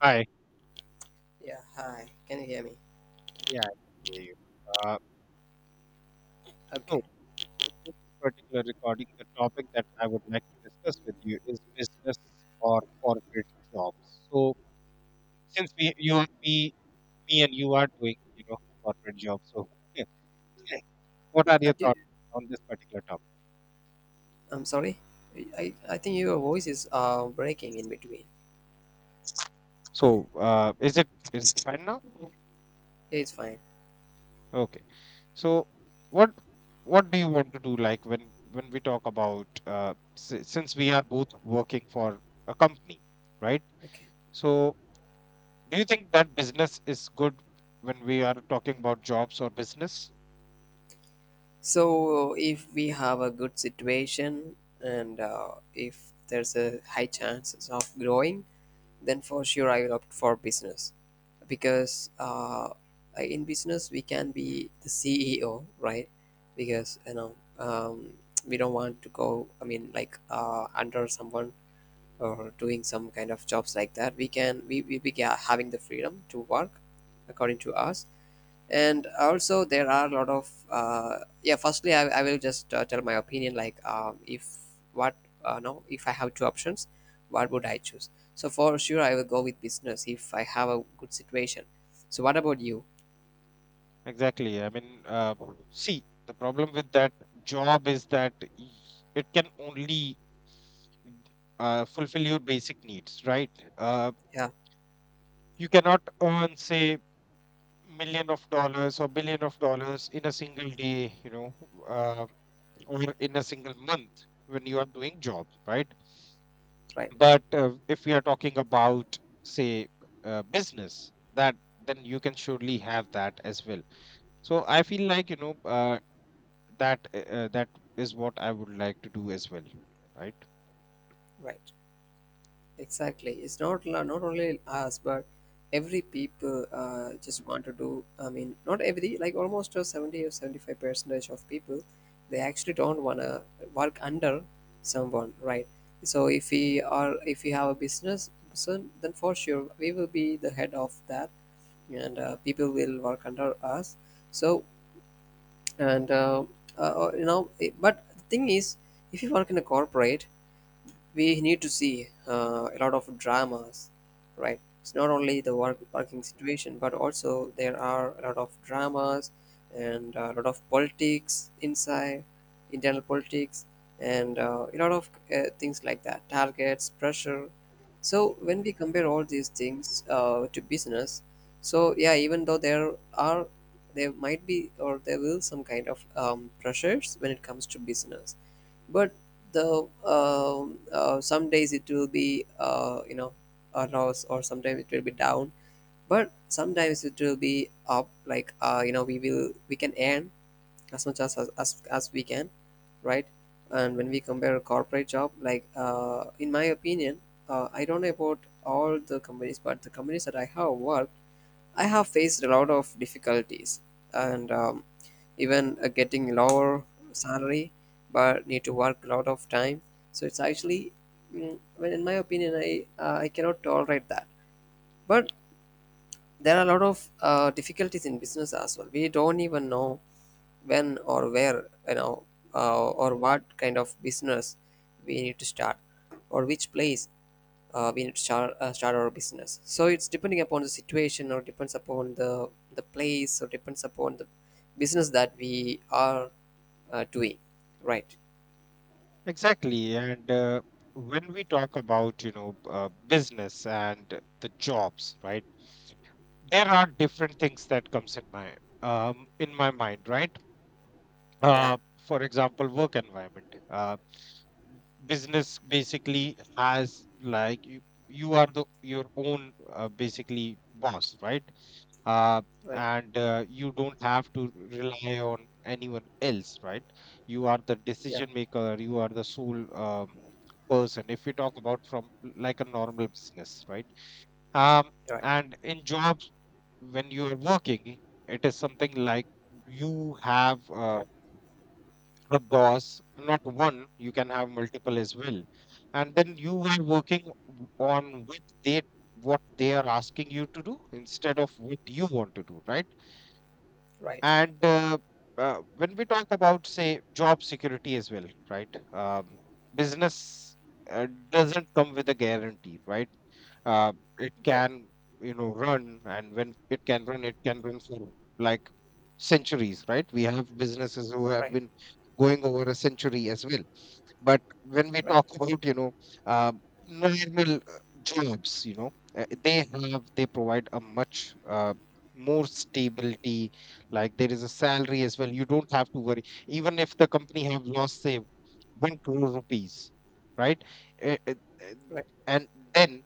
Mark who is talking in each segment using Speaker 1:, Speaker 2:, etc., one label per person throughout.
Speaker 1: Hi.
Speaker 2: Yeah, hi. Can you hear me?
Speaker 1: Yeah, I can hear you. Uh, so,
Speaker 2: Okay.
Speaker 1: in this particular recording, the topic that I would like to discuss with you is business or corporate jobs. So, since me, and you are doing, corporate jobs, so what are
Speaker 2: I
Speaker 1: your
Speaker 2: do,
Speaker 1: thoughts on this particular topic?
Speaker 2: I'm sorry. I think your voice is breaking in between.
Speaker 1: So, is it fine now?
Speaker 2: Yeah, it's fine.
Speaker 1: Okay. So, what what do you want to do? Like when we talk about since we are both working for a company, right?
Speaker 2: Okay.
Speaker 1: So, do you think that business is good when we are talking about jobs or business?
Speaker 2: So, if we have a good situation and if there's a high chances of growing, then for sure I will opt for business because in business we can be the CEO, right? Because you know we don't want to go. I mean, like under someone, or doing some kind of jobs like that, we can we be having the freedom to work according to us. And also there are a lot of yeah, firstly I will just tell my opinion, like if what no, if I have two options, what would I choose? So for sure I will go with business if I have a good situation. So what about you?
Speaker 1: Exactly. I mean, see, the problem with that job is that it can only fulfill your basic needs, right? Uh,
Speaker 2: Yeah.
Speaker 1: you cannot earn, say, million of dollars or billion of dollars in a single day, uh, or in a single month when you are doing job, right?
Speaker 2: Right.
Speaker 1: But if we are talking about, say, business, that then you can surely have that as well. So I feel like, that that is what I would like to do as well, right.
Speaker 2: Right. Exactly. It's not not only us, but every people just want to do. I mean, not every, like almost 70 or 75 percentage of people, they actually don't wanna work under someone, right? So if we have a business, so then for sure we will be the head of that, and people will work under us. So, and you know, it, but the thing is, if you work in a corporate, we need to see a lot of dramas, right? It's not only the work, working situation, but also there are a lot of dramas and a lot of politics inside, internal politics, and a lot of things like that, targets, pressure. So when we compare all these things to business, so yeah, even though there might be or there will some kind of pressures when it comes to business, but the some days it will be you know, a loss, or sometimes it will be down, but sometimes it will be up, like you know, we can earn as much as as we can, right? And when we compare a corporate job, like in my opinion, I don't know about all the companies, but the companies that I have worked, I have faced a lot of difficulties, and even getting lower salary, but need to work a lot of time. So it's actually, well, in my opinion, I cannot tolerate that. But there are a lot of difficulties in business as well. We don't even know when or where, you know, or what kind of business we need to start, or which place we need to start our business. So it's depending upon the situation, or depends upon the place, or depends upon the business that we are doing. Right.
Speaker 1: Exactly. And when we talk about, business and the jobs, right, there are different things that comes in my mind, right.
Speaker 2: Yeah.
Speaker 1: uh for example, work environment. Business basically has like you are the your own basically boss, right. uh,
Speaker 2: Right.
Speaker 1: and you don't have to rely on anyone else, right. You are the
Speaker 2: Yeah.
Speaker 1: decision maker, you are the sole person, if we talk about from like a normal business, right. um,
Speaker 2: Right.
Speaker 1: and in jobs, when you are working, it is something like you have a boss, not one, you can have multiple as well. And then you are working on with they what they are asking you to do instead of what you want to do, right?
Speaker 2: Right.
Speaker 1: And when we talk about, say, job security as well, right? Business doesn't come with a guarantee, right? uh, it
Speaker 2: Right.
Speaker 1: can, run, and when it can run for like centuries, right. We have businesses who have
Speaker 2: Right.
Speaker 1: been going over a century as well. But when we
Speaker 2: Right.
Speaker 1: talk about, uh, normal jobs, they provide a much more stability, like there is a salary as well, you don't have to worry even if the company have lost, say, 1 crore rupees, right. Uh, uh, uh,
Speaker 2: Right.
Speaker 1: and then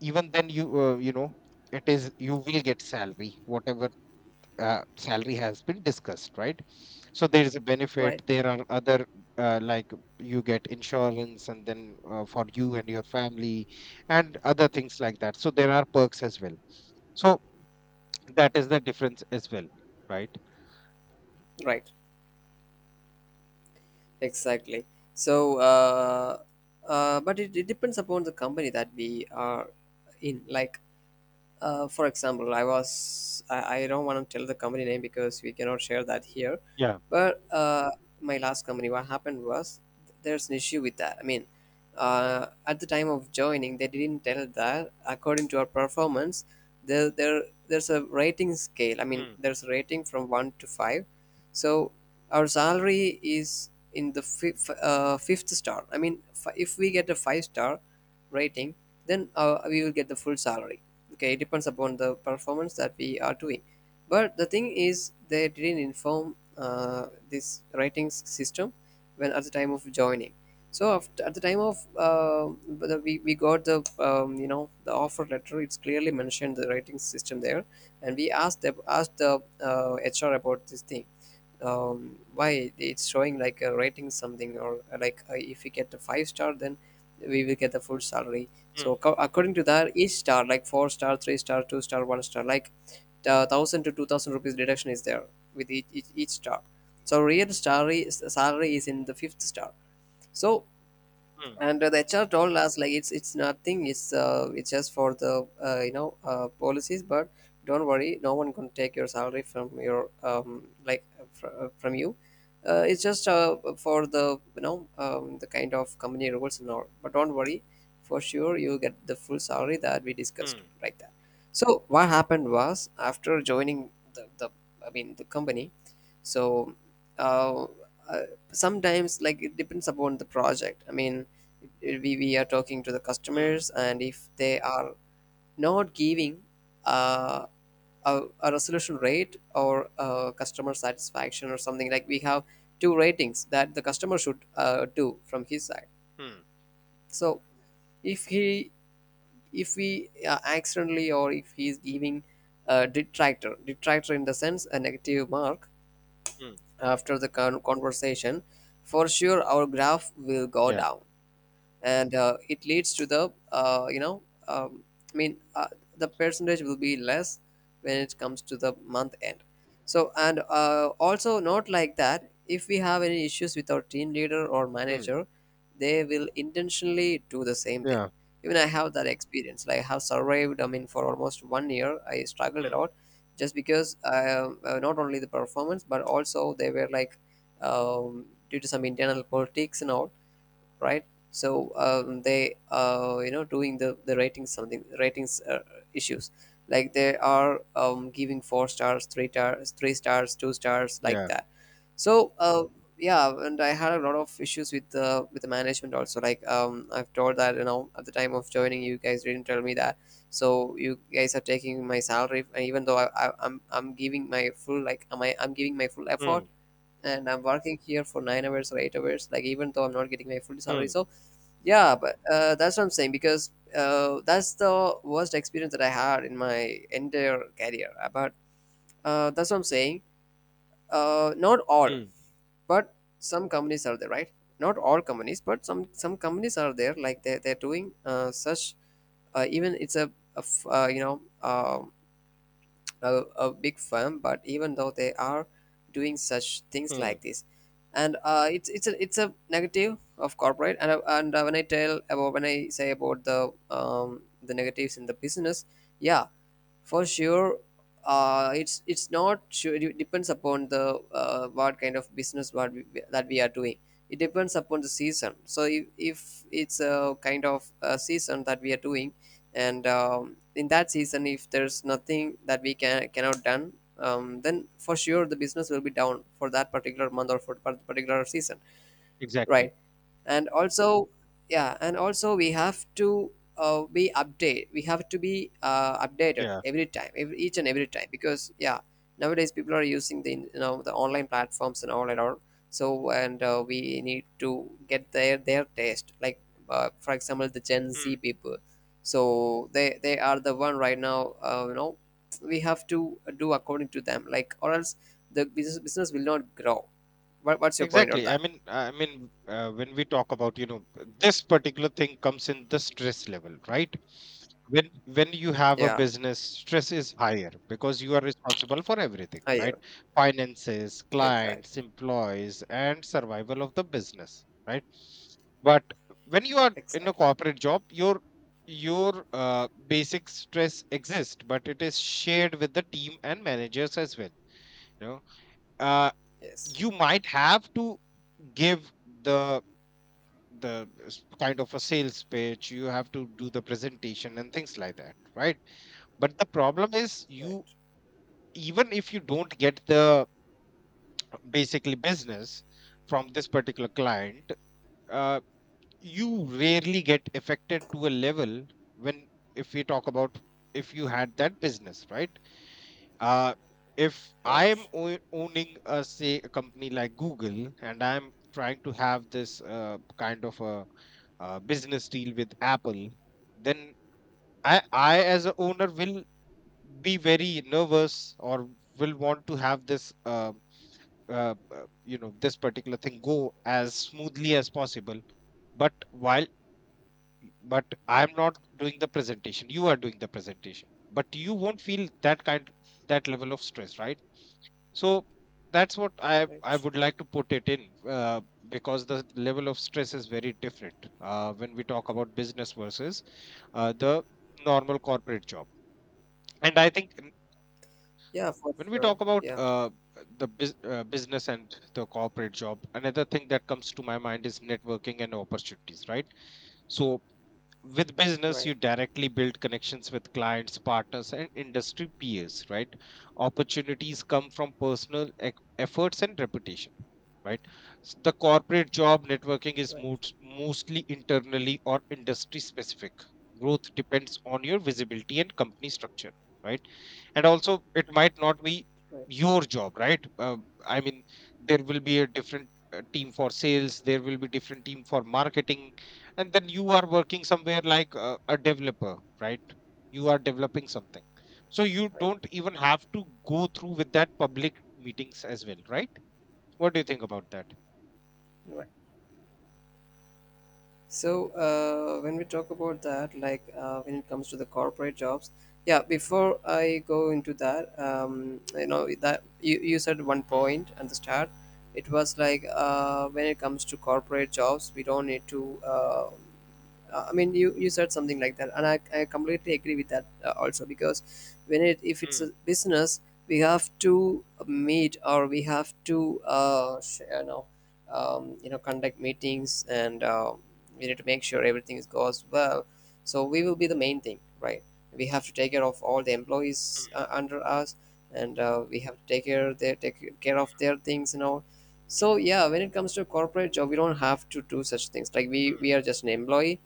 Speaker 1: even then, you you know it is you will get salary, whatever salary has been discussed, right. So there is a benefit,
Speaker 2: Right.
Speaker 1: there are other like you get insurance and then for you and your family and other things like that, so there are perks as well. So that is the difference as well, right.
Speaker 2: Right. Exactly. So, but it depends upon the company that we are in. Like, for example, I don't want to tell the company name because we cannot share that here.
Speaker 1: Yeah.
Speaker 2: But my last company, what happened was, there's an issue with that. I mean, at the time of joining, they didn't tell that according to our performance, there's a rating scale. I mean,
Speaker 1: Hmm.
Speaker 2: there's a rating from one to five, so our salary is in the fifth star, I mean, if we get a five-star rating, then we will get the full salary. Okay, it depends upon the performance that we are doing, but the thing is, they didn't inform this rating system when at the time of joining. So after, at the time of we got the you know, the offer letter. It's clearly mentioned the rating system there. And we asked the HR about this thing. Why it's showing like a rating something, or like if we get a five star, then we will get the full salary.
Speaker 1: Hmm.
Speaker 2: So according to that, each star, like four star, three star, two star, one star, like 1,000 to 2,000 rupees deduction is there with each star. So real salary is in the fifth star, so.
Speaker 1: Hmm.
Speaker 2: And the HR told us, like, it's nothing. It's just for the policies. But don't worry, no one can take your salary from you. It's just for the you know the kind of company rules and all. But don't worry, for sure you get the full salary that we discussed
Speaker 1: Hmm.
Speaker 2: like that. So what happened was, after joining the I mean the company, so uh, uh, sometimes, like, it depends upon the project. I mean, we are talking to the
Speaker 1: Hmm.
Speaker 2: customers, and if they are not giving uh, a resolution rate or customer satisfaction or something, like we have two ratings that the customer should do from his side.
Speaker 1: Hmm.
Speaker 2: So if he if we accidentally, or if he is giving a detractor, in the sense, a negative mark
Speaker 1: Hmm.
Speaker 2: after the conversation, for sure our graph will go
Speaker 1: Yeah.
Speaker 2: down. And it leads to the um, I mean, the percentage will be less when it comes to the month end. So, and also, not like that, if we have any issues with our team leader or
Speaker 1: Hmm.
Speaker 2: manager, they will intentionally do the same thing.
Speaker 1: Yeah.
Speaker 2: Even I have that experience, like I have survived, I mean, for almost 1 year I struggled a
Speaker 1: Hmm.
Speaker 2: lot, just because not only the performance, but also they were like, um, due to some internal politics and all, right? So they, you know, doing the ratings, something, ratings issues, like they are giving four stars, three stars, three stars, two stars, like
Speaker 1: Yeah.
Speaker 2: that. So yeah, and I had a lot of issues with the management also. Like I've told that, you know, at the time of joining, you guys didn't tell me that. So you guys are taking my salary, and even though I'm giving my full, like, am I I'm giving my full effort,
Speaker 1: Hmm.
Speaker 2: and I'm working here for 9 hours or 8 hours, like, even though I'm not getting my full salary.
Speaker 1: Hmm.
Speaker 2: So yeah, but that's what I'm saying, because that's the worst experience that I had in my entire career. But that's what I'm saying. Not all,
Speaker 1: Hmm.
Speaker 2: but some companies are there, right? Not all companies, but some companies are there. Like they're doing such, even it's a f- uh, you know um a, a big firm, but even though they are doing such things like
Speaker 1: Hmm.
Speaker 2: this. And it's a negative of corporate, and when I say about the negatives in the business. Yeah, for sure. It's not sure, it depends upon the what kind of business, that we are doing. It depends upon the season, so if it's a kind of a season that we are doing, and in that season, if there's nothing that we cannot done, then for sure the business will be down for that particular month or for that particular season.
Speaker 1: Exactly.
Speaker 2: Right. And also, yeah, and also, we have to be updated
Speaker 1: Yeah.
Speaker 2: each and every time, because, yeah, nowadays people are using, the you know the online platforms and all. So, and we need to get their taste, like for example, the Gen
Speaker 1: Mm.
Speaker 2: Z people. So they are the one right now, we have to do according to them, like, or else the business will not grow. What's your point on
Speaker 1: Exactly. I
Speaker 2: that?
Speaker 1: mean, I mean, uh, when we talk about, this particular thing comes in the stress level, right? When you have a
Speaker 2: Yeah.
Speaker 1: business, stress is higher because you are responsible for everything, right?
Speaker 2: Higher.
Speaker 1: Finances,
Speaker 2: Exactly.
Speaker 1: clients, employees, and survival of the business, right? But when you are in a
Speaker 2: Exactly.
Speaker 1: corporate job, your basic stress exists, but it is shared with the team and managers as well. You know, Uh,
Speaker 2: Yes.
Speaker 1: you might have to give the kind of a sales pitch, you have to do the presentation and things like that, right. But the problem is you,
Speaker 2: Right.
Speaker 1: even if you don't get the basically business from this particular client, uh, you rarely get affected to a level, when if we talk about, if you had that business, right. Uh, if I'm
Speaker 2: Right.
Speaker 1: owning a, say, a company like Google and I'm trying to have this kind of a, business deal with Apple, then I as a owner will be very nervous or will want to have this this particular thing go as smoothly as possible. But while, but I'm not doing the presentation, you are doing the presentation. But you won't feel that kind that level of stress, right? So that's what I
Speaker 2: Right.
Speaker 1: would like to put it in. uh, because the level of stress is very different when we talk about business versus the normal corporate job. And I think
Speaker 2: Yeah, for
Speaker 1: when we
Speaker 2: sure.
Speaker 1: talk about
Speaker 2: Yeah.
Speaker 1: business and the corporate job, another thing that comes to my mind is networking and opportunities, right. So with business,
Speaker 2: Right.
Speaker 1: you directly build connections with clients, partners, and industry peers, right. Opportunities come from personal efforts and reputation, right. The corporate job networking is
Speaker 2: Right.
Speaker 1: mostly internally or industry specific. Growth depends on your visibility and company structure, right. And also it might not be
Speaker 2: Right.
Speaker 1: your job, right. I mean, there will be a different team for sales, there will be different team for marketing, and then you are working somewhere like a developer, right. You are developing something, so you
Speaker 2: Right.
Speaker 1: don't even have to go through with that public meetings as well, right. What do you think about that?
Speaker 2: Right. So when we talk about that, like, when it comes to the corporate jobs, yeah, before I go into that, you know that you said one
Speaker 1: Mm,
Speaker 2: point at the start. It was like when it comes to corporate jobs, we don't need to I mean, you said something like that, and I completely agree with that also, because when it if it's a
Speaker 1: mm,
Speaker 2: business, we have to meet, or we have to conduct meetings, and we need to make sure everything is goes well. So we will be the main thing, right? We have to take care of all the employees
Speaker 1: mm,
Speaker 2: under us, and we have to take care, they take care of their things and all. So yeah, when it comes to corporate job, we don't have to do such things, like we
Speaker 1: mm,
Speaker 2: we are just an employee,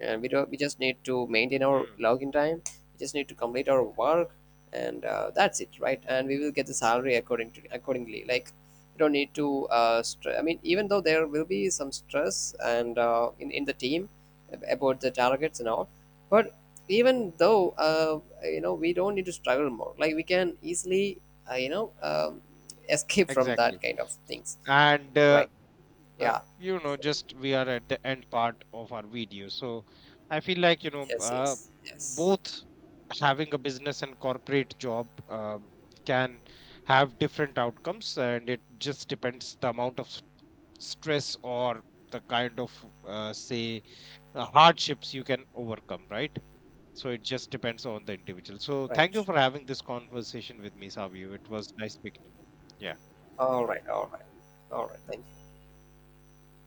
Speaker 2: and we don't we just need to maintain our
Speaker 1: mm.
Speaker 2: login time. We just need to complete our work, and that's it, right? And we will get the salary accordingly, like, we don't need to I mean, even though there will be some stress, and in the team about the targets and all. But even though, we don't need to struggle more, like, we can easily uh, you know um, escape from that
Speaker 1: Exactly.
Speaker 2: kind of things.
Speaker 1: And
Speaker 2: Right. Yeah.
Speaker 1: just we are at the end part of our video. So I feel like,
Speaker 2: Yes, yes, yes.
Speaker 1: both having a business and corporate job can have different outcomes, and it just depends the amount of stress or the kind of say hardships you can overcome, right. So it just depends on the individual. So thank you
Speaker 2: Right.
Speaker 1: for having this conversation with me, Savi. It was nice speaking to you. Yeah.
Speaker 2: All right, all right, all right. Thank you.